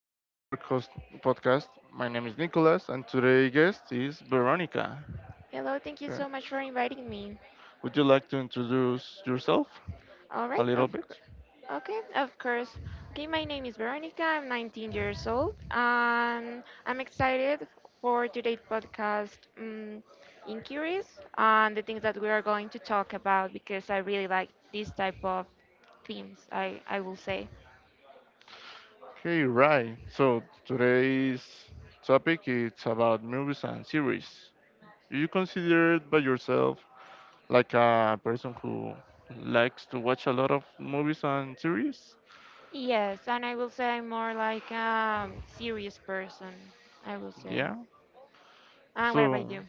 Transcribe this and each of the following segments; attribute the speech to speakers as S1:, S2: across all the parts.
S1: to our podcast. My name is Nicholas, and today's guest is Veronica.
S2: Hello, thank you
S1: Yeah.
S2: so much for inviting me.
S1: Would you like to introduce yourself
S2: All
S1: a
S2: right,
S1: little bit?
S2: okay, of course. Okay, my name is Veronica. I'm 19 years old, and I'm excited for today's podcast in and the things that we are going to talk about because I really like this type of themes. I will say
S1: Okay, right. So today's topic it's about movies and series. Do you consider by yourself like a person who likes to watch a lot of movies and series?
S2: yes, and I will say I'm more like a serious person. I will say.
S1: Yeah.
S2: And what
S1: So
S2: about you?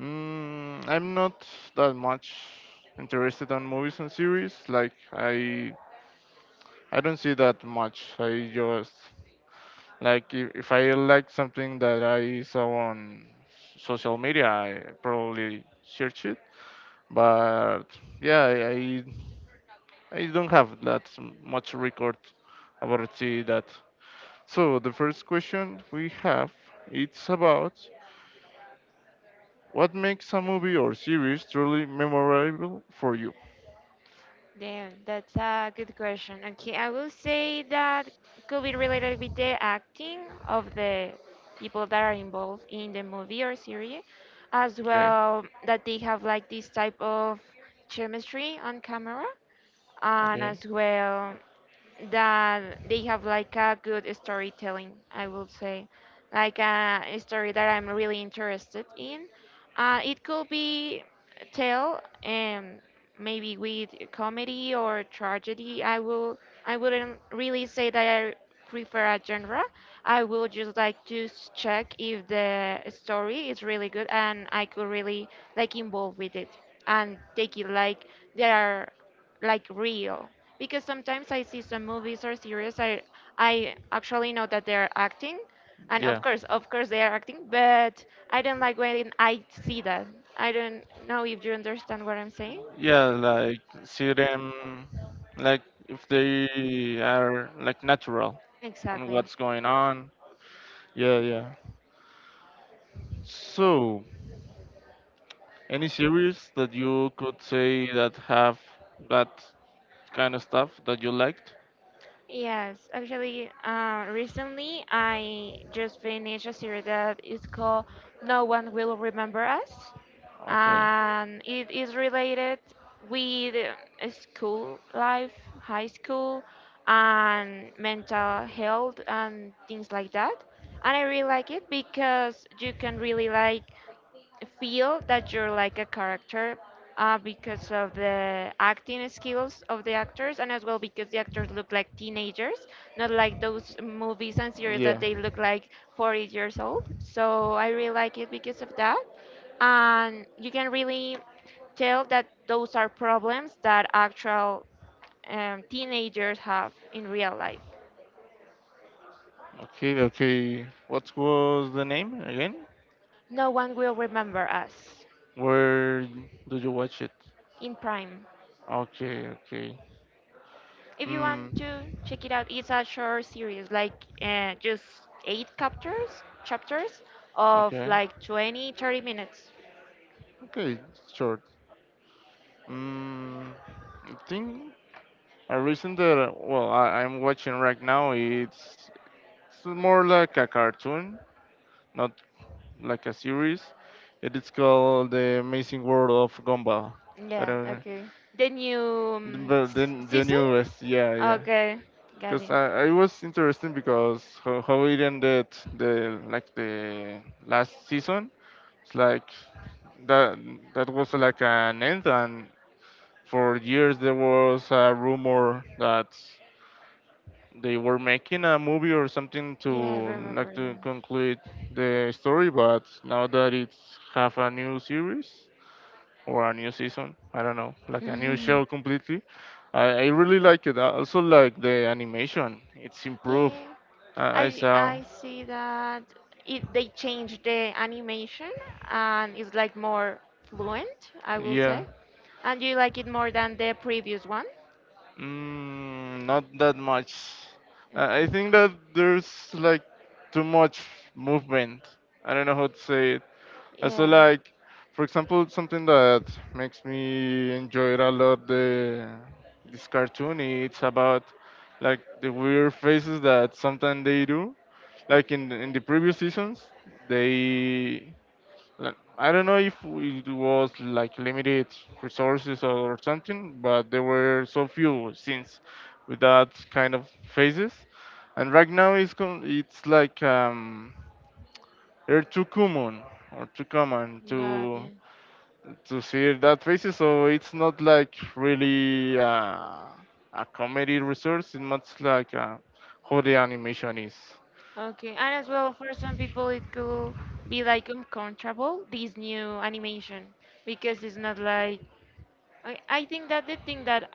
S1: I'm not that much interested on movies and series. Like I don't see that much. I just like if I like something that I saw on social media, I probably search it. But yeah, I don't have that much record about see that. So the first question we have it's about what makes a movie or series truly memorable for you.
S2: Damn, that's a good question. Okay, I will say that could be related with the acting of the people that are involved in the movie or series, as
S1: Okay.
S2: well that they have like this type of chemistry on camera, and
S1: Okay.
S2: as well that they have like a good storytelling, I will say. Like a story that I'm really interested in. It could be tell, maybe with comedy or tragedy. I wouldn't really say that I prefer a genre. I will just like to check if the story is really good and I could really like involve with it and take it like they are like real, because sometimes I see some movies or series I actually know that they're acting. And
S1: Yeah.
S2: of course they are acting, but I don't like when I see that. I don't know if you understand what I'm saying.
S1: Yeah, like see them like if they are like natural on
S2: Exactly.
S1: what's going on, yeah, yeah. So any series that you could say that have that kind of stuff that you liked?
S2: Yes, actually, recently I just finished a series that is called No One Will Remember Us,
S1: Okay.
S2: and it is related with school life, high school, and mental health and things like that. And I really like it because you can really like feel that you're like a character, because of the acting skills of the actors, and as well because the actors look like teenagers, not like those movies and series that
S1: Yeah.
S2: they look like 40 years old. So I really like it because of that, and you can really tell that those are problems that actual teenagers have in real life.
S1: okay okay what was the name again
S2: No One Will Remember Us.
S1: where did you watch it
S2: In prime.
S1: okay. Okay.
S2: If you want
S1: mm,
S2: to check it out, it's a short series. Like, just eight chapters of
S1: okay.
S2: like 20, 30 minutes.
S1: Okay, sure. mm, I think a reason that, well, I'm watching right now, it's more like a cartoon, not like a series. It is called The Amazing World of Gumball. I
S2: Yeah,
S1: don't,
S2: okay. The new
S1: but then the
S2: season?
S1: newest, yeah, yeah.
S2: Okay, got
S1: Because
S2: it.
S1: I was interested because how it ended the, like the last season. It's like that that was like an end, and for years there was a rumor that they were making a movie or something to
S2: Yeah, I remember
S1: like to
S2: that.
S1: conclude the story, but now that it's have a new series or a new season, I don't know, like a new show completely. I really like it. I also like the animation. It's
S2: Yeah,
S1: improved.
S2: yeah.
S1: I, I
S2: I
S1: saw,
S2: I see that they changed the animation, and it's like more fluent, I will
S1: yeah.
S2: say. And you like it more than the previous one?
S1: Not that much. I
S2: Okay.
S1: think that there's like too much movement. I don't know how to say it. So
S2: Yeah.
S1: like, for example, something that makes me enjoy it a lot, the this cartoon. It's about like the weird faces that sometimes they do. Like in the previous seasons, they like, I don't know if it was like limited resources or something, but there were so few scenes with that kind of faces. And right now it's like they're too common or too common
S2: Got it.
S1: to see that faces. So it's not like really a comedy resource. It's much like how the animation is.
S2: Okay. And as well, for some people, it could be like uncomfortable, this new animation, because it's not like. I think that the thing that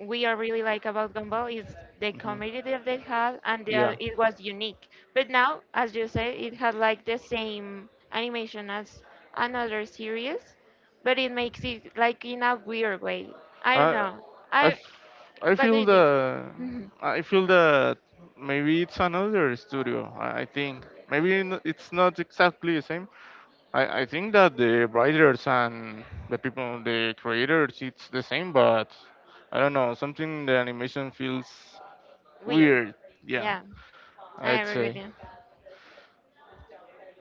S2: we are really like about Gumball is the
S1: Hmm.
S2: comedy that they had and
S1: Yeah,
S2: that it was unique. But now, as you say, it had like the same animation as another series, but it makes it like in a weird way. I don't
S1: I,
S2: know. I
S1: I, f- I
S2: What do
S1: feel
S2: you think?
S1: I feel that maybe it's another studio. I think it's not exactly the same. I think that the writers and the people, the creators, it's the same, but I don't know. Something in the animation feels
S2: Weird.
S1: weird. Yeah,
S2: Yeah, I
S1: I'd
S2: agree with
S1: say.
S2: you.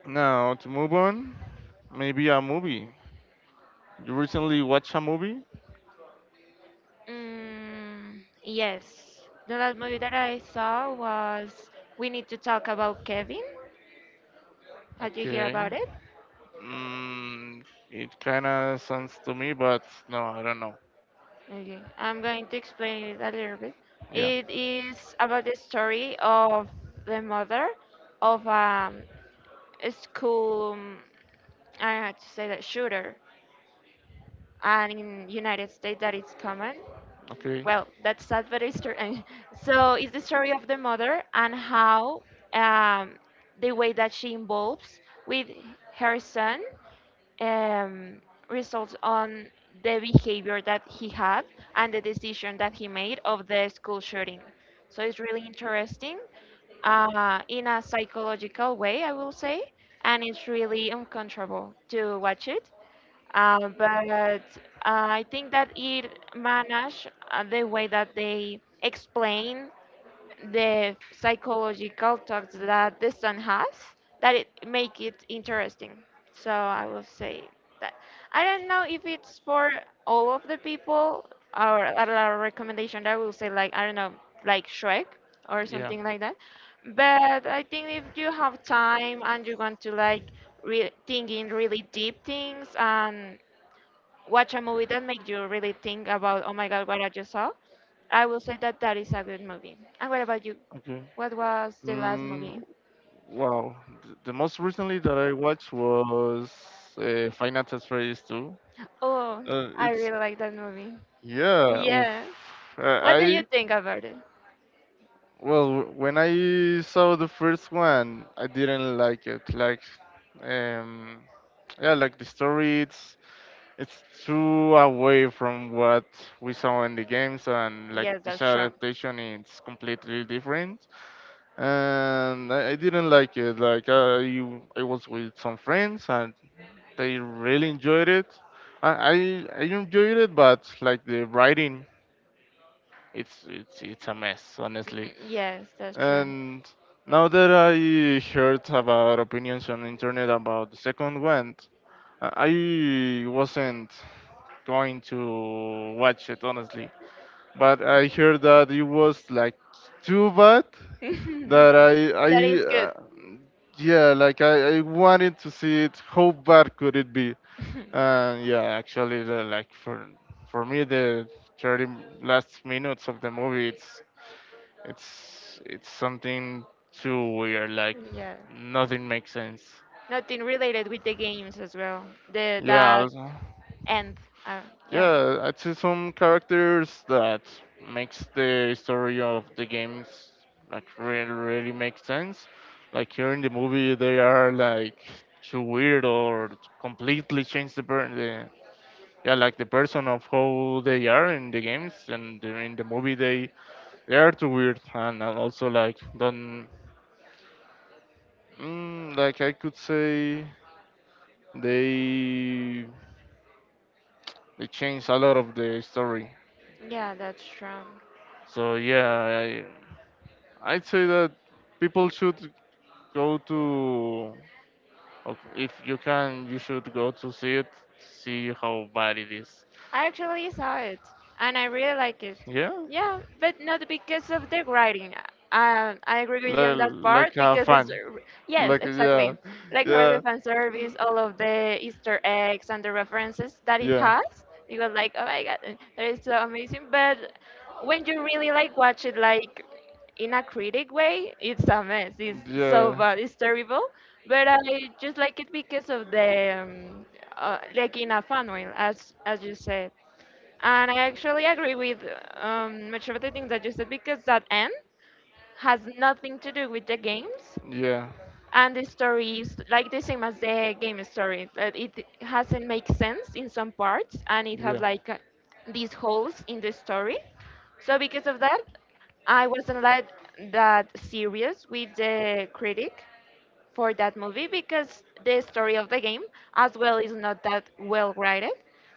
S1: Now to move on, maybe a movie. You recently watched a movie?
S2: Mm, yes. The last movie that I saw was We Need to Talk About Kevin. Had you heard
S1: Okay.
S2: about it?
S1: Mm, it kind of sounds to me, but no, I don't know.
S2: Okay, I'm going to explain it a little bit.
S1: Yeah.
S2: It is about the story of the mother of, a school, I don't know how to say that, shooter. And in United States, that is common.
S1: Okay.
S2: Well, that's sad, but it's true. So it's the story of the mother, and how um, the way that she involves with her son um, results on the behavior that he had and the decision that he made of the school shooting. So it's really interesting, in a psychological way, I will say, and it's really uncomfortable to watch it. But I think that it managed, the way that they explain the psychological talks that the son has, that it make it interesting. So I will say that I don't know if it's for all of the people, or a lot of recommendation, I will say, like, I don't know, like Shrek or
S1: Yeah.
S2: something like that. But I think if you have time and you want to like thinking really deep things, and watch a movie that makes you really think about, oh my God, what I just saw, I will say that that is a good movie. And what about you?
S1: Okay.
S2: What was the last
S1: Mm,
S2: movie?
S1: wow. The most recently that I watched was Final Fantasy 2.
S2: Oh,
S1: Uh,
S2: I
S1: it's
S2: really like that movie.
S1: yeah. Oof.
S2: Yeah.
S1: Uh,
S2: What do you
S1: I
S2: think about it?
S1: well, when I saw the first one, I didn't like it. Like, um, yeah, like the story, it's too away from what we saw in the games, and like
S2: Yes,
S1: this
S2: that's true.
S1: adaptation is completely different. And I didn't like it. Like, I was with some friends, and they really enjoyed it. I enjoyed it, but like the writing, it's it's a mess, honestly.
S2: Mhm. Yes, that's true.
S1: And now that I heard about opinions on the internet about the second one, I wasn't going to watch it honestly. But I heard that it was like too bad that I
S2: That is good.
S1: yeah, like I wanted to see it. How bad could it be? And yeah, actually, like for me the 30 last minutes of the movie, it's it's something too weird. Like
S2: Yeah.
S1: nothing makes sense.
S2: Nothing related with the games as well. The
S1: Yeah,
S2: That
S1: also-
S2: end. Uh, yeah.
S1: yeah, I'd say some characters that makes the story of the games like really really make sense. Like here in the movie, they are like too weird or completely change the yeah, like the person of how they are in the games, and in the movie they are too weird and also like don't like I could say They they changed a lot of the story.
S2: Yeah, that's true.
S1: So yeah, I'd say that people should go to if you can, you should go to see it, see how bad it is.
S2: I actually saw it and I really like it.
S1: Yeah,
S2: Yeah, but not because of the writing. I agree with you
S1: like,
S2: on that
S1: like
S2: part
S1: a
S2: because it's,
S1: fan,
S2: yes,
S1: like yeah,
S2: exactly. Like, for the
S1: yeah,
S2: fan service, all of the Easter eggs and the references that it
S1: yeah,
S2: has, you go like, oh my god, that is so amazing. But when you really like watch it like in a critic way, it's a mess. It's so
S1: yeah.
S2: bad. It's terrible. But I just like it because of the, like in a fun way, as you said. And I actually agree with much of the things that you said, because that end has nothing to do with the games,
S1: Yeah.
S2: and the story is like the same as the game story. That it hasn't make sense in some parts, and it has
S1: Yeah. Like
S2: like, these holes in the story. So because of that, I wasn't like that serious with the critic for that movie, because the story of the game as well is not that well written.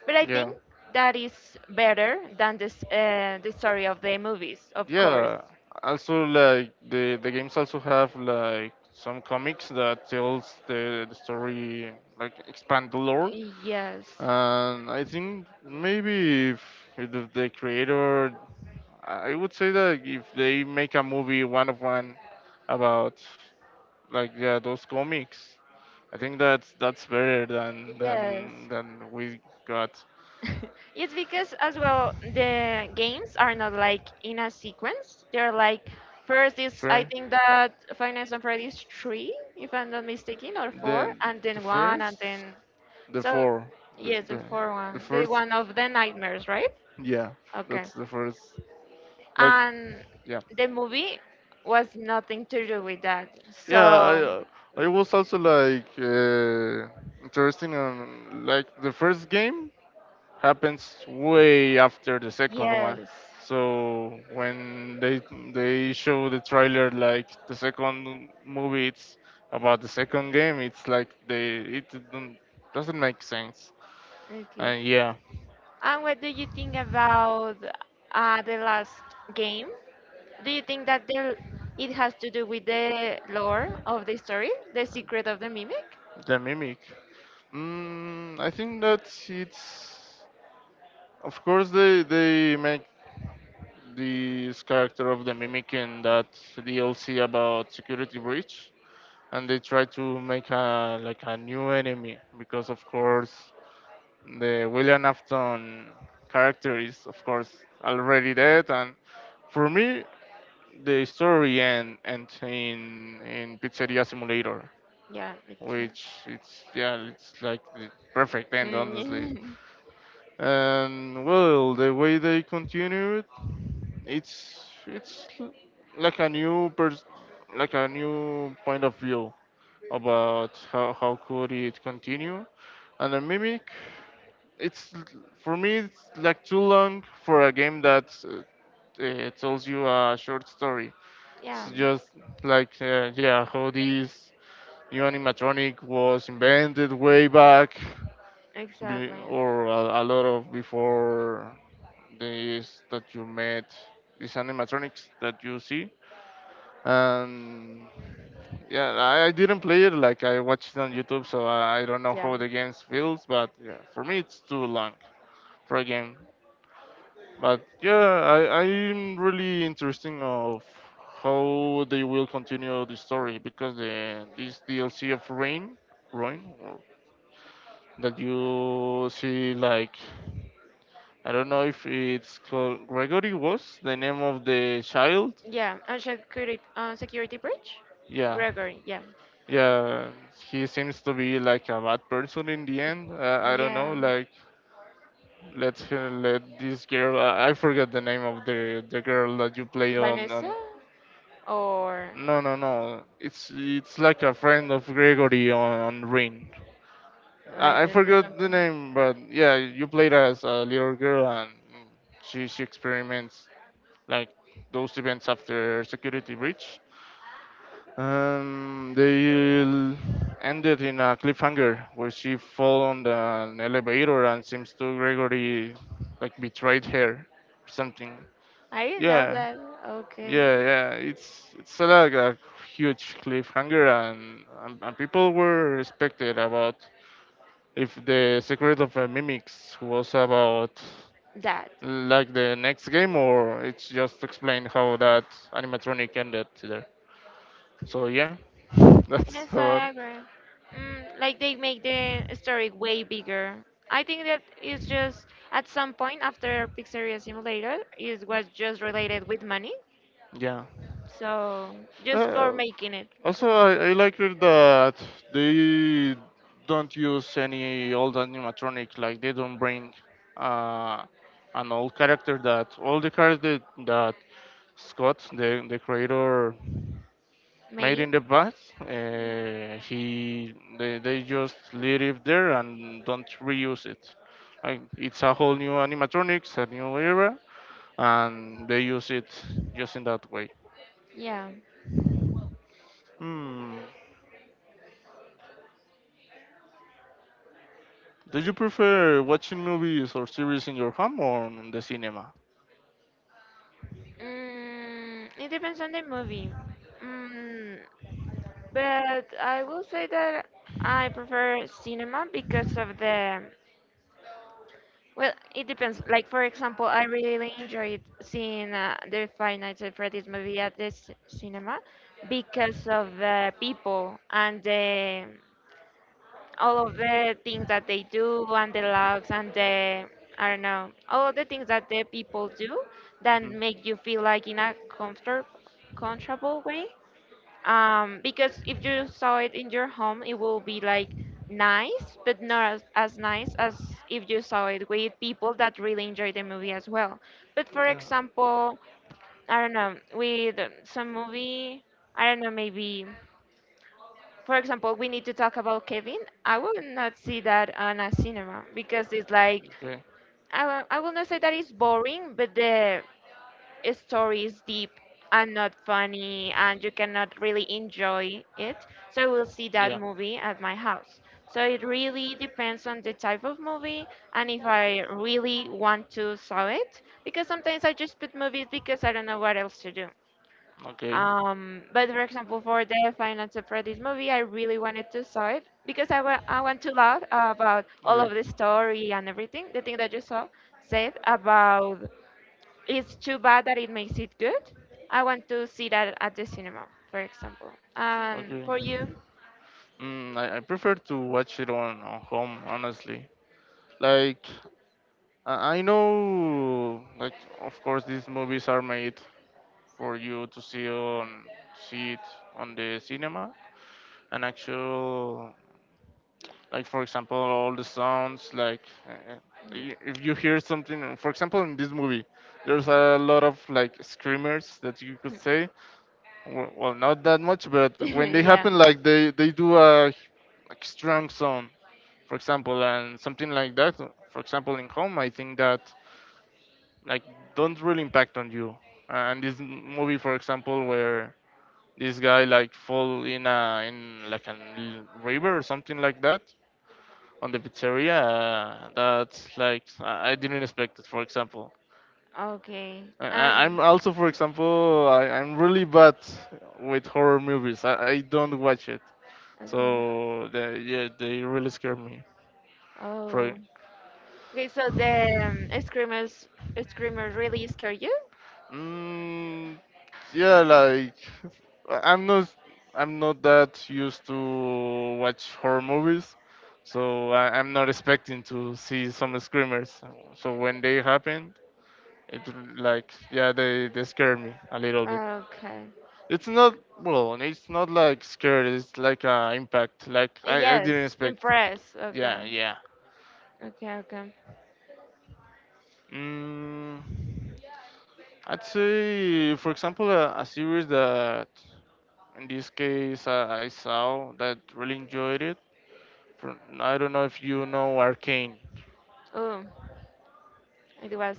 S2: But I think
S1: yeah.
S2: that is better than this the story of the movies, of course.
S1: Yeah. Also, like the games also have like some comics that tells the story, like expand the lore.
S2: Yes,
S1: And I think maybe if the creator, I would say that if they make a movie one of one about like yeah those comics, I think that's better than
S2: yes.
S1: than we got.
S2: It's because as well the games are not like in a sequence. They're like, first is, I
S1: Fair.
S2: think, that Five Nights at Freddy's 3, if I'm not mistaken, or four,
S1: the
S2: and
S1: the
S2: then one, and
S1: first
S2: then,
S1: the
S2: so
S1: four the,
S2: yes, the
S1: the,
S2: four
S1: the
S2: one, the
S1: first,
S2: one of the nightmares, right?
S1: yeah,
S2: Okay,
S1: that's the first, like
S2: and
S1: yeah,
S2: the movie was nothing to do with that.
S1: yeah.
S2: So,
S1: I was also like interested on like the first game happens way after the second one.
S2: yes,
S1: So when they show the trailer like the second movie, it's about the second game. It's like they it don't, doesn't make sense.
S2: okay.
S1: And yeah,
S2: And what do you think about the last game? Do you think that it has to do with the lore of the story, the secret of the mimic?
S1: the mimic. Mm, I think that it's of course they make this character of the mimic in that DLC about security breach, and they try to make a like a new enemy because of course the William Afton character is, of course, already dead. And for me, ends in Pizzeria Simulator,
S2: Yeah, me too.
S1: which it's yeah, it's like the perfect end, honestly.
S2: Mm,
S1: And well, the way they continued, it's like a like a new point of view about how could it continue. And the mimic it's, for me it's like too long for a game that tells you a short story. It's
S2: yeah,
S1: just like yeah, how this new animatronic was invented way back
S2: exactly.
S1: or a lot of before this that you met these animatronics that you see. And yeah I didn't play it, like I watched it on YouTube, so I don't know
S2: Yeah,
S1: how the game feels, but yeah, for me it's too long for a game. But yeah, I'm really interesting of how they will continue the story because the this DLC of Rain, or that you see like I don't know if it's called Gregory was the name of the child.
S2: yeah. On security breach,
S1: Yeah,
S2: Gregory. Yeah,
S1: yeah, he seems to be like a bad person in the end. I don't know,
S2: yeah.
S1: like let let this girl. I forget the name of the girl that you play
S2: Vanessa,
S1: on
S2: or
S1: no, no, no. It's like a friend of Gregory on Ring.
S2: I
S1: I
S2: don't
S1: forgot the
S2: remember.
S1: name, but yeah, you played as a little girl, and she experiments like those events after security breach. Um, they l- ended in a cliffhanger where she fell on an elevator and seems to Gregory like betrayed her or something.
S2: I didn't know
S1: Yeah,
S2: that. Okay,
S1: yeah, yeah, it's a, like a huge cliffhanger, and, and people were respected about if the Secret of Mimics was about
S2: that.
S1: like the next game, or it's just explain how that animatronic ended there. So yeah, that's
S2: Yes,
S1: about
S2: I agree. Like, they make the story way bigger. I think that is just, at some point after Pizzeria Simulator, is was just related with money.
S1: yeah.
S2: So, just for
S1: Uh,
S2: making it,
S1: also, I like it that they don't use any old animatronic. Like they don't bring uh, an old character that all the characters that, that Scott, the creator, made
S2: made.
S1: in the past. He they just leave it there and don't reuse it. Like it's a whole new animatronics, a new era, and they use it just in that way.
S2: Yeah.
S1: Hmm. Do you prefer watching movies or series in your home or in the cinema?
S2: It depends on the movie. Mm, but I will say that I prefer cinema because of the. Well, it depends. Like, for example, I really really enjoyed seeing the Five Nights at Freddy's movie at the cinema, because of the people and the all of the things that they do, and the logs, and the I don't know, all of the things that the people do that
S1: Mhm.
S2: make you feel like in a comfortable way, because if you saw it in your home, it will be like nice, but not as nice as if you saw it with people that really enjoy the movie as well. But for example, I don't know, with some movie, I don't know, maybe, for example, We Need to Talk About Kevin. I will not see that on a cinema because it's like,
S1: Yeah. Okay.
S2: I will not say that it's boring, but the story is deep and not funny and you cannot really enjoy it, so I will see that
S1: Yeah.
S2: movie at my house. So it really depends on the type of movie, and if I really want to saw it, because sometimes I just put movies because I don't know what else to do.
S1: Okay.
S2: But for example, for the Final Separatist movie, I really wanted to saw it because I want to laugh about all
S1: Okay.
S2: of the story and everything, the thing that you saw said about, it's too bad that it makes it good. I want to see that at the cinema, for example.
S1: Okay.
S2: For you?
S1: I prefer to watch it on home, honestly. Like, I know, like, of course, these movies are made for you to see on see it on the cinema, an actual like for example all the sounds like uh,
S2: Yeah.
S1: if you hear something for example in this movie, there's a lot of like screamers that you could say. Well, not that much, but when they
S2: Yeah.
S1: happen like they do a like strong sound, for example, and something like that, for example in home I think that like don't really impact on you. And this movie, for example, where this guy like fall in a in like river or something like that on the pizzeria. That's like I didn't expect it. For example,
S2: Okay.
S1: I'm
S2: Um.
S1: also, for example, I'm really bad with horror movies. I don't watch it,
S2: Okay.
S1: so they, yeah, they really scare me. Pro-
S2: Oh. Okay. So the screamers really scare you?
S1: mm, yeah, like I- I'm not I'm not that used to watch horror movies. So I'm not expecting to see some screamers. So when they happened, it, like, yeah, they scare me a little bit.
S2: Okay.
S1: It's not well, and it's not like scared. It's like impact. Like I
S2: Yes,
S1: didn't expect.
S2: impress. Okay.
S1: Yeah, yeah.
S2: Okay, okay.
S1: Mm, I'd say, for example, a series that in this case I saw that really enjoyed it. For, I don't know if you know Arcane.
S2: Oh, it was.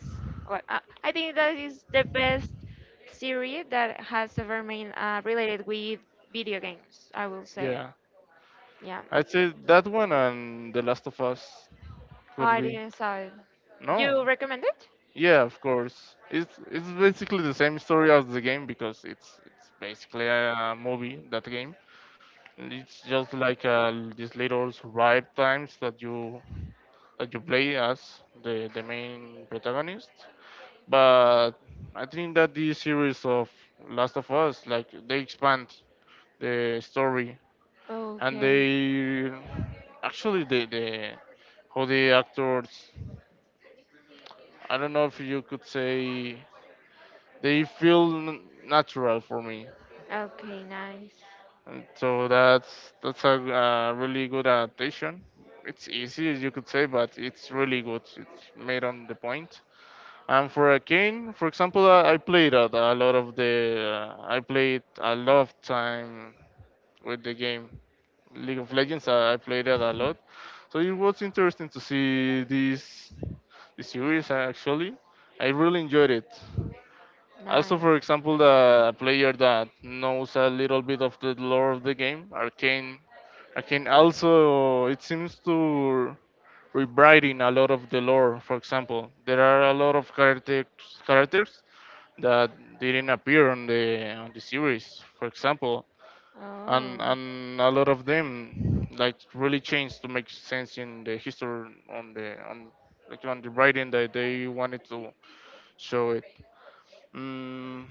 S2: Well, I think that is the best series that has ever been, related with video games, I will say.
S1: Yeah,
S2: Yeah.
S1: I'd say that one and The Last of Us
S2: Oh,
S1: could
S2: I
S1: be.
S2: didn't saw it. You
S1: No.
S2: recommend it?
S1: Yeah, of course. It's basically the same story as the game because it's basically a movie that game. It's just like these little survive times that you play as the main protagonist. But I think that this series of Last of Us, like they expand the story and
S2: Okay.
S1: they actually the how the actors I don't know if you could say they feel natural for me.
S2: Okay, nice.
S1: And so that's a really good adaptation. It's easy, as you could say, but it's really good. It's made on the point. And for a cane, for example, I played a lot of the. I played a lot of time with the game League of Legends. I played it a lot, so it was interesting to see this, this series. Actually, I really enjoyed it. Also,
S2: Nice.
S1: for example, the player that knows a little bit of the lore of the game, Arcane, Arcane also it seems to rewriting a lot of the lore. For example, there are a lot of characters characters that didn't appear on the series. For example, and
S2: Oh,
S1: and a lot of them like really changed to make sense in the history on the on like on the writing that they wanted to show it. Mm,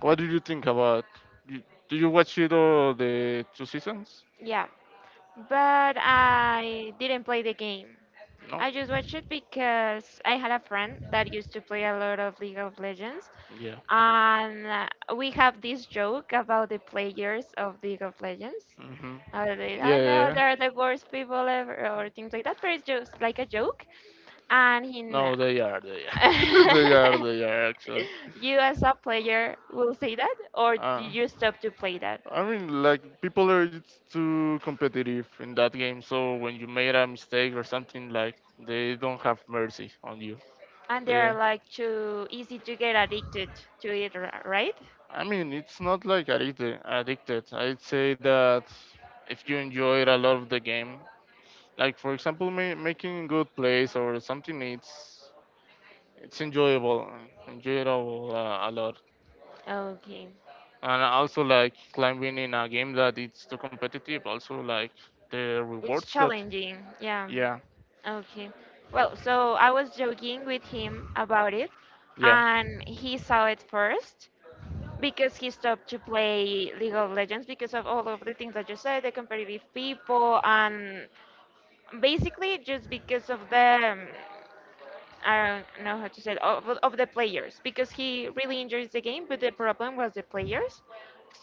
S1: what do you think about? You, do you watch it all the two seasons?
S2: yeah, but I didn't play the game.
S1: No.
S2: I just watched it because I had a friend that used to play a lot of League of Legends,
S1: Yeah.
S2: and we have this joke about the players of League of Legends.
S1: Hmm. Yeah,
S2: I
S1: yeah,
S2: know
S1: yeah.
S2: they're the worst people ever, or things like that, but it's just like a joke. And in,
S1: No, they are. They are. They are. They are actually.
S2: you as a player will say that, or do
S1: Uh,
S2: you stop to play that?
S1: I mean, like people are just too competitive in that game. So when you made a mistake or something, like they don't have mercy on you.
S2: And they are
S1: They.
S2: like too easy to get addicted to it, right?
S1: I mean, it's not like addicted. Addicted. I'd say that if you enjoyed a lot of the game, like for example, making good plays or something, it's enjoyable, enjoyable a lot.
S2: Okay.
S1: And also like climbing in a game that it's too competitive. Also like the
S2: It's
S1: rewards that
S2: challenging, yeah.
S1: yeah,
S2: Okay. Well, so I was joking with him about it,
S1: yeah,
S2: and he saw it first because he stopped to play League of Legends because of all of the things that you said, the competitive people, and basically just because of the I don't know how to say it, of the players because he really enjoys the game, but the problem was the players.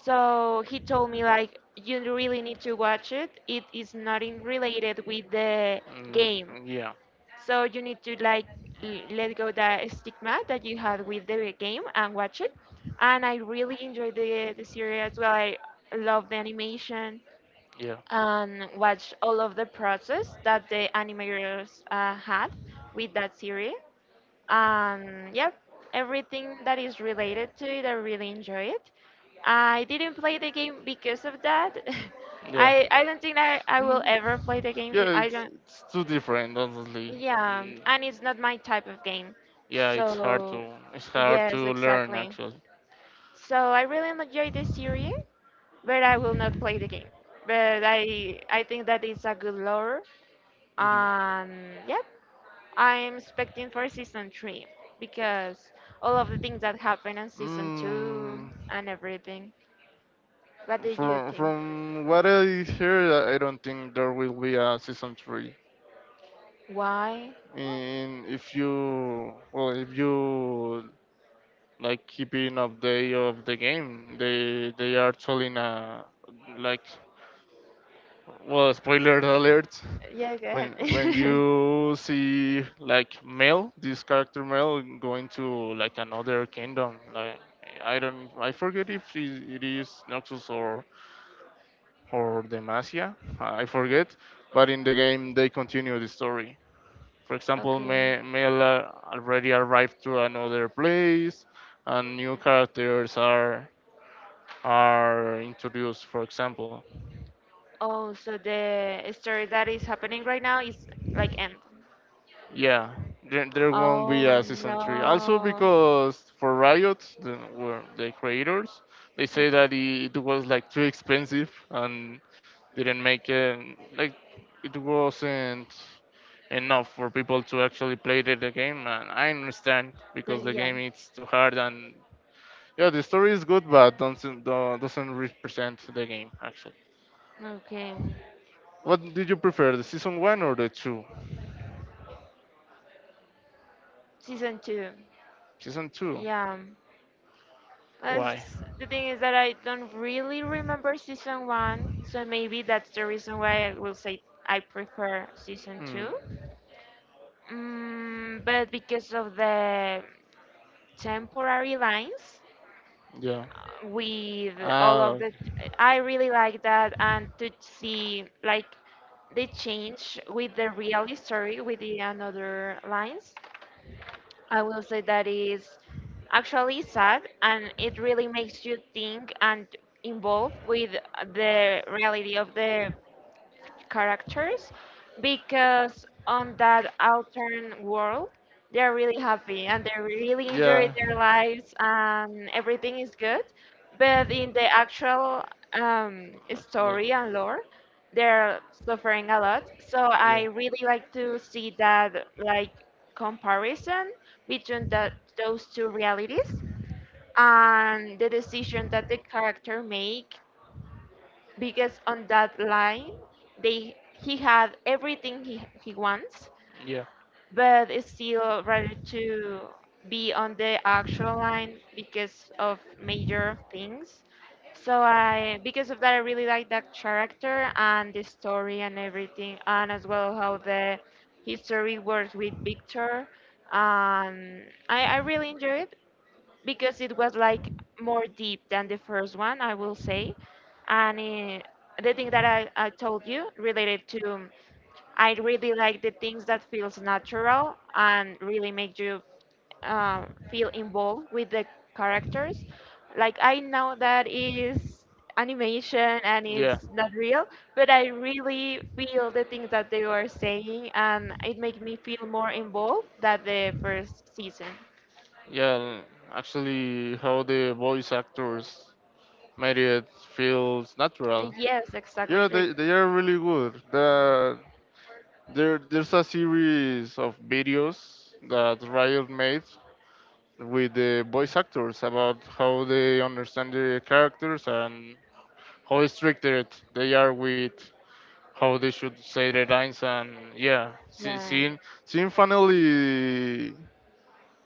S2: So he told me like you really need to watch it. It is not in related with the game,
S1: yeah,
S2: so you need to like let go the stigma that you had with the game and watch it. And I really enjoyed the series as well. I love the animation
S1: yeah,
S2: and watch all of the process that the animators had with that series. Yeah, everything that is related to it, I really enjoy it. I didn't play the game because of that. I don't think that I will ever play the game. I don't.
S1: it's too different, honestly.
S2: Yeah,
S1: Yeah,
S2: and it's not my type of game.
S1: yeah, hard
S2: So,
S1: to it's hard
S2: yes,
S1: learn
S2: exactly.
S1: actually.
S2: So I really enjoy the series, but I will not play the game. But I think that it's a good lore.
S1: Hmm.
S2: Um, yeah, I'm expecting for season three because all of the things that happened in season two
S1: Mm.
S2: and everything. What do you
S1: From
S2: think?
S1: from what I hear, I don't think there will be a season three.
S2: Why?
S1: And if you well, if you like keeping up day of the game, they are telling a like well spoiler alert.
S2: Yeah, go ahead.
S1: When you see like Mel, this character Mel going to like another kingdom, like I don't I forget if it is Noxus or Demacia, I forget. But in the game, they continue the story. For example,
S2: Okay.
S1: Mel already arrived to another place, and new characters are introduced. For example,
S2: Oh, so the story that is happening right now is like end.
S1: yeah, there won't be
S2: Oh
S1: a season three. Also,
S2: no.
S1: because for Riot, the, were the creators, they
S2: Yeah.
S1: say that it was like too expensive and didn't make it like it wasn't enough for people to actually play the game. And I understand because the
S2: Yeah.
S1: game is too hard and yeah, the story is good, but doesn't doesn't represent the game actually.
S2: Okay.
S1: What did you prefer, the season one or the two?
S2: Season two.
S1: Season two.
S2: Yeah.
S1: Why?
S2: The thing is that I don't really remember season one, so maybe that's the reason why I will say I prefer season
S1: Hmm.
S2: two. Mm, but because of the temporary lines
S1: Yeah.
S2: with all
S1: Ah.
S2: of the,
S1: Okay.
S2: I really like that and to see like the change with the real story with the another lines. I will say that is actually sad and it really makes you think and involve with the reality of the characters because on that alternate world they're really happy and they really enjoy
S1: Yeah.
S2: their lives and everything is good, but in the actual story
S1: Yeah.
S2: and lore they're suffering a lot. So
S1: So yeah.
S2: I
S1: Like
S2: really like to see that like comparison between those two realities and the decision that the character make because on that line they he had everything he wants
S1: yeah.
S2: but is still ready to be on the actual line because of major things. So I because of that I really like that character and the story and everything, and as well how the history works with victor. um, I really enjoy it because it was like more deep than the first one, I will say. And the thing that I told you related to, I really like the things that feels natural and really make you uh, feel involved with the characters. Like I know
S1: Like
S2: that it is animation and
S1: yeah.
S2: it's not real, but I really feel the
S1: Really
S2: things that they were saying, and it made me feel more involved than the first season.
S1: yeah, and actually, how the voice actors made it feels natural.
S2: Yes,
S1: Yeah,
S2: exactly. Re-
S1: they are really good. The, there, there's a series of videos that Riot made with the voice actors about how they understand the characters and how restricted they are with how they should say their lines and yeah,
S2: Yeah,
S1: seeing seeing finally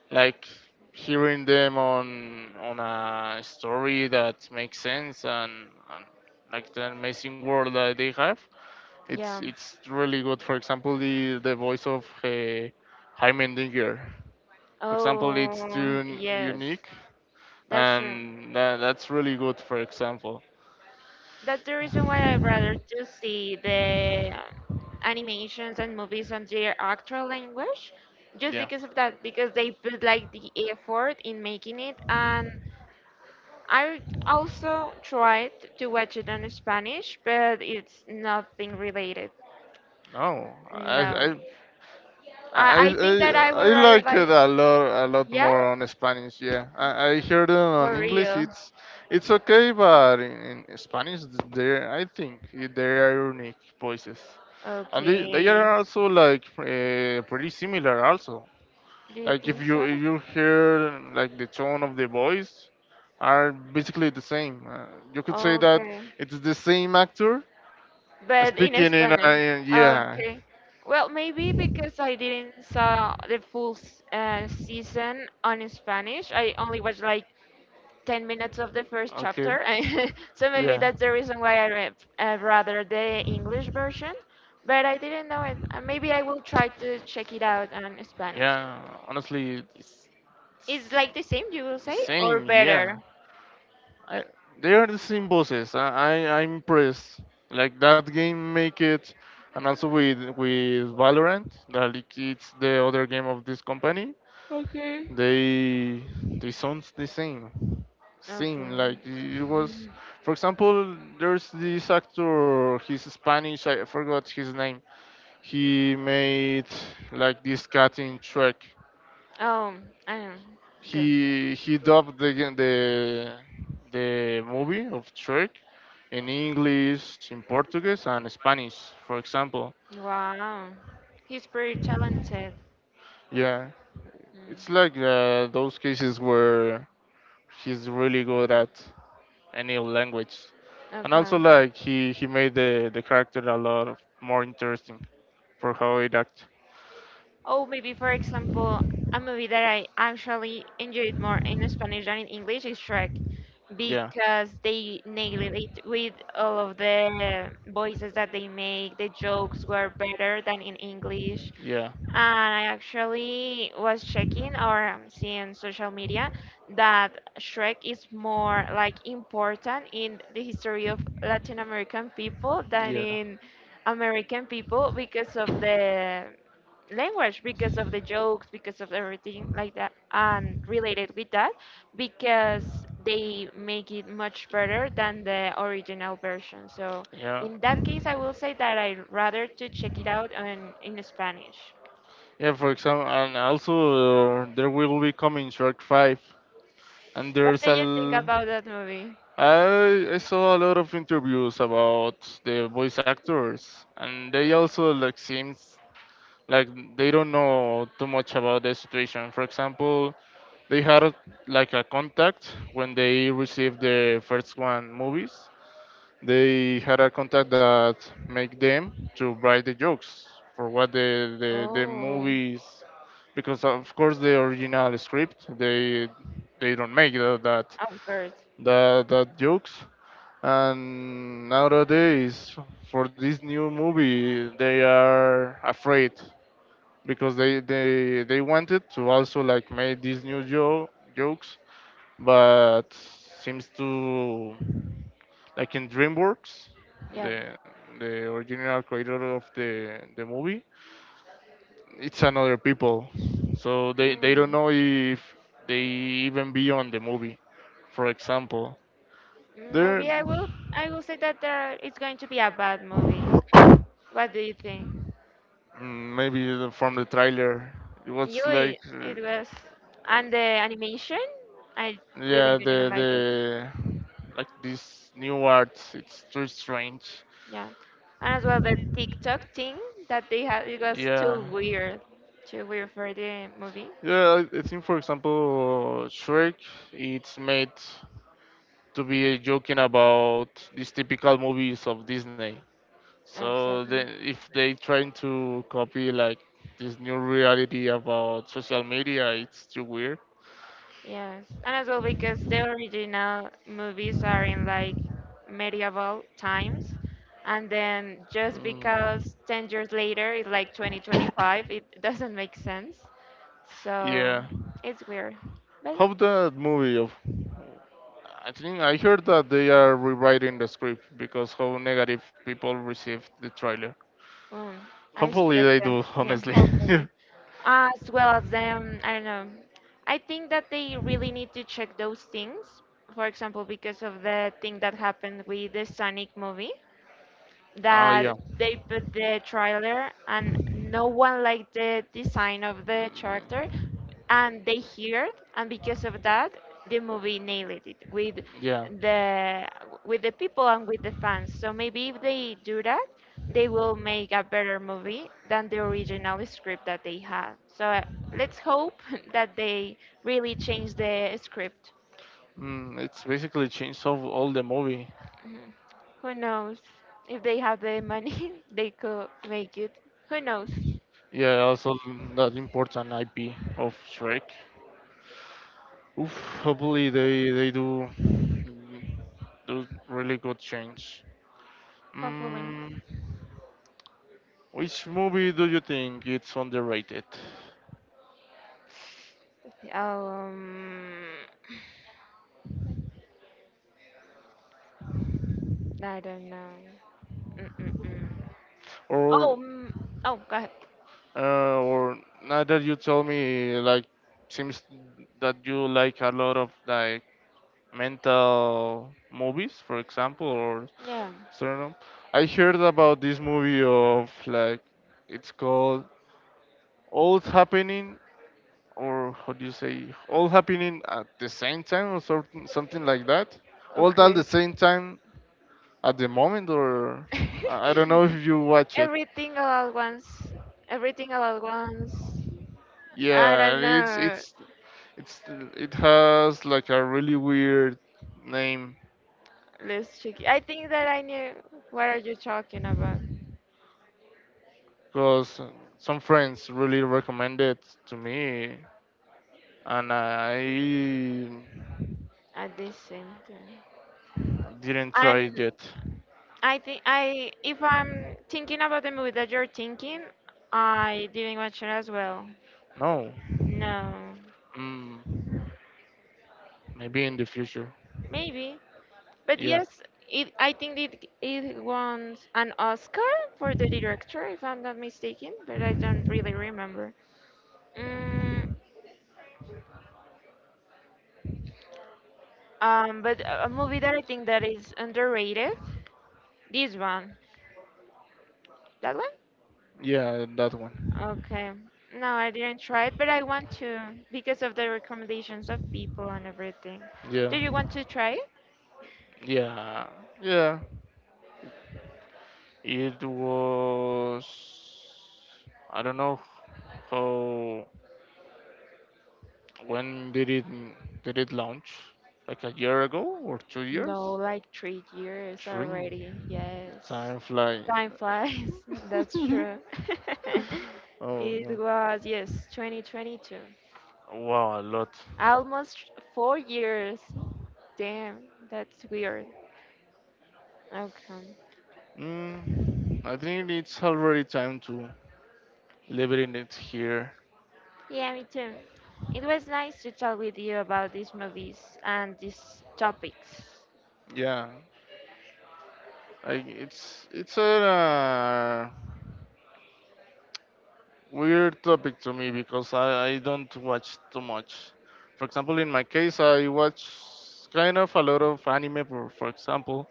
S1: like hearing them on a story that makes sense and like the amazing world that they have it's
S2: yeah.
S1: it's really good for example the voice of Jaime Dinger for example it's
S2: Oh,
S1: too
S2: yes,
S1: unique
S2: that's true.
S1: and that's really good for example
S2: That's the reason why I rather to see the animations and movies on their actual language, just
S1: yeah
S2: because of that, because they put like the effort in making it. And I also tried to watch it on Spanish, but it's nothing related.
S1: no I,
S2: No,
S1: I I,
S2: I think
S1: I
S2: that I would
S1: I
S2: rather
S1: like
S2: like
S1: it a lot
S2: yeah,
S1: more on Spanish. Yeah, I heard it on
S2: for
S1: English.
S2: real.
S1: It's okay, but in Spanish, they I think they are unique voices, and they
S2: Okay,
S1: are also like pretty similar. Also,
S2: do you
S1: like
S2: think so?
S1: if you hear like the tone of the voice, are basically the same. You could say that
S2: Okay,
S1: it's the same actor
S2: but in
S1: speaking in.
S2: Spanish.
S1: Yeah,
S2: Okay. Well, maybe because I didn't saw the full season on Spanish. I only watched like 10 minutes of the first
S1: okay.
S2: chapter. So maybe
S1: Yeah.
S2: that's the reason why I read rather the English version. But I didn't know it. Maybe I will try to check it out on Spanish.
S1: Yeah. Honestly,
S2: It's
S1: it's
S2: like the same, you will
S1: the
S2: say, or
S1: same. Yeah.
S2: better?
S1: I, they are the same bosses. I I'm impressed. Like that game make it, and also with Valorant, that it's the other game of this company.
S2: Okay.
S1: They sounds the same. Same like
S2: Okay.
S1: it was. For example, there's this actor. He's Spanish. I forgot his name. He made like this cutting track.
S2: Oh, I know. Okay.
S1: He dubbed the movie of Trek in English, in Portuguese, and Spanish, for example.
S2: Wow. He's pretty talented.
S1: Yeah,
S2: Mm.
S1: it's like those cases where he's really good at any language, and
S2: Okay.
S1: also like he made the character a lot of more interesting for how it act.
S2: Oh, maybe for example, a movie that I actually enjoyed more in Spanish than in English is Shrek
S1: Yeah.
S2: because they nailed it with all of the voices that they make. The jokes were better than in English.
S1: Yeah.
S2: And I actually was checking or seeing social media that Shrek is more like important in the history of Latin American people than
S1: Yeah.
S2: in American people because of the language, because of the jokes, because of everything like that. And related with that, because they make it much better than the original version. So
S1: Yeah.
S2: in that case, I will say that I rather to check it out on in Spanish.
S1: Yeah, for example, and also there will be coming Shark 5. And
S2: What
S1: there's
S2: do
S1: a
S2: you think
S1: l-
S2: about that movie?
S1: I saw a lot of interviews about the voice actors, and they also like seems like they don't know too much about the situation. For example, they had a, like a contact when they received the first one movies. They had a contact that make them to write the jokes for what the
S2: Oh.
S1: movies because of course the original script they don't make that that
S2: Of course.
S1: that, that jokes and nowadays for this new movie they are afraid because they wanted to also like make these new jokes but seems to like in DreamWorks,
S2: Yeah.
S1: the the original creator of the movie, it's another people, so they don't
S2: Hmm.
S1: know if they even be on the movie. For example, there
S2: Maybe I will. I will say that there it's going to be a bad movie. What do you think?
S1: mm, maybe from the trailer, it was
S2: It,
S1: like
S2: it was, and the animation, I really
S1: yeah
S2: didn't
S1: the
S2: like it.
S1: the like this new art. It's too strange.
S2: Yeah, and as well the TikTok thing that they had, it was
S1: Yeah.
S2: too weird for the movie.
S1: Yeah, I think for example, Shrek, it's made to be joking about these typical movies of Disney. So then,
S2: Exactly.
S1: if they trying to copy like this new reality about social media, it's too weird.
S2: Yes, and as well because the original movies are in like medieval times, and then just
S1: Mm.
S2: because 10 years later it's like 2025, it doesn't make sense. So
S1: Yeah.
S2: it's weird, but
S1: How that movie of I think I heard that they are rewriting the script because how negative people received the trailer.
S2: um, I
S1: Hopefully
S2: expect
S1: they
S2: that.
S1: do,
S2: Yeah,
S1: honestly.
S2: hopefully. As well as them, I don't know. I think that they really need to check those things. For example, because of the thing that happened with the Sonic movie
S1: Oh
S2: that
S1: yeah,
S2: they put the trailer and no one liked the design of the character and they hear it, and because of that the movie nailed it
S1: yeah.
S2: the with the people and with the fans. So maybe if they do that they will make a better movie than the original script that they had. So let's hope that they really change the script.
S1: Mm, it's basically changed of all the movie.
S2: Mhm. Who knows if they have the money they could make it. Who knows.
S1: Yeah, also that important IP of Shrek. Oof, hopefully they do mm, do really good change.
S2: Halloween.
S1: Mm, which movie do you think it's underrated,
S2: Um, I don't know. Mm-mm-mm.
S1: or
S2: Oh, mm, oh, go ahead.
S1: or now that you tell me like seems that you like a lot of like mental movies, for example, or
S2: Yeah.
S1: Sternum. I heard about this movie of like it's called All Happening or how do you say All Happening at the same time or something something like that. All at
S2: Okay.
S1: the same time at the moment or I don't know if you watch it.
S2: Everything all at once. Everything all at once. I
S1: Yeah,
S2: don't
S1: it's
S2: know.
S1: it's it's it has like a really weird name
S2: Let's check. It. I think that I knew what are you talking about
S1: because some friends really recommended to me and I
S2: at this same time.
S1: didn't try
S2: And
S1: it yet.
S2: I think I, if I'm thinking about the movie that you're thinking, I didn't watch it as well.
S1: No.
S2: No,
S1: Mm, maybe in the future.
S2: maybe. But
S1: Yeah.
S2: yes, it, I think it, it won an Oscar for the director, if I'm not mistaken, but I don't really remember. Mm, but a movie that I think that is underrated, this one. That one?
S1: Yeah, that one.
S2: Okay. No, I didn't try it, but I want to because of the recommendations of people and everything.
S1: Yeah.
S2: Do you want to try it?
S1: Yeah. Yeah. It was. I don't know. How. When did it launch? Like a year ago or two
S2: No,
S1: years?
S2: like 3 years
S1: Three.
S2: already. Yes.
S1: Time flying.
S2: Time flies. That's true.
S1: Oh
S2: It
S1: no.
S2: was, yes, 2022.
S1: Wow, a lot.
S2: Almost 4 years. Damn, that's weird. Okay.
S1: Mm, I think it's already time to leave it in it here.
S2: Yeah, me too. It was nice to talk with you about these movies and these topics.
S1: Yeah. Like it's a weird topic to me because I don't watch too much. For example, in my case, I watch kind of a lot of anime, for example.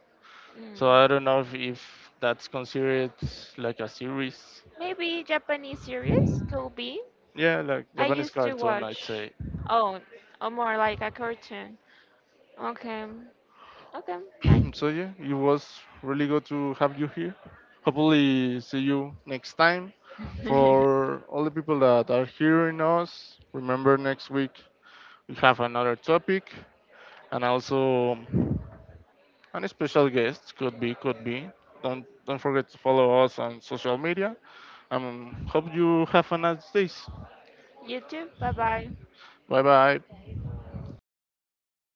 S1: So I
S2: Mm.
S1: don't know if that's considered like a series.
S2: Maybe Japanese series could be.
S1: Yeah, like
S2: I
S1: Japanese
S2: used to
S1: cartoon, I'd
S2: watch.
S1: say.
S2: Oh, or more like a cartoon. Okay. Okay, nice.
S1: So yeah, it was really good to have you here. Hopefully, see you next time. For all the people that are hearing us, remember next week we have another topic and also and special guests could be could be. Don't forget to follow us on social media. Hope you have a nice day.
S2: You too. Bye bye.
S1: Bye bye.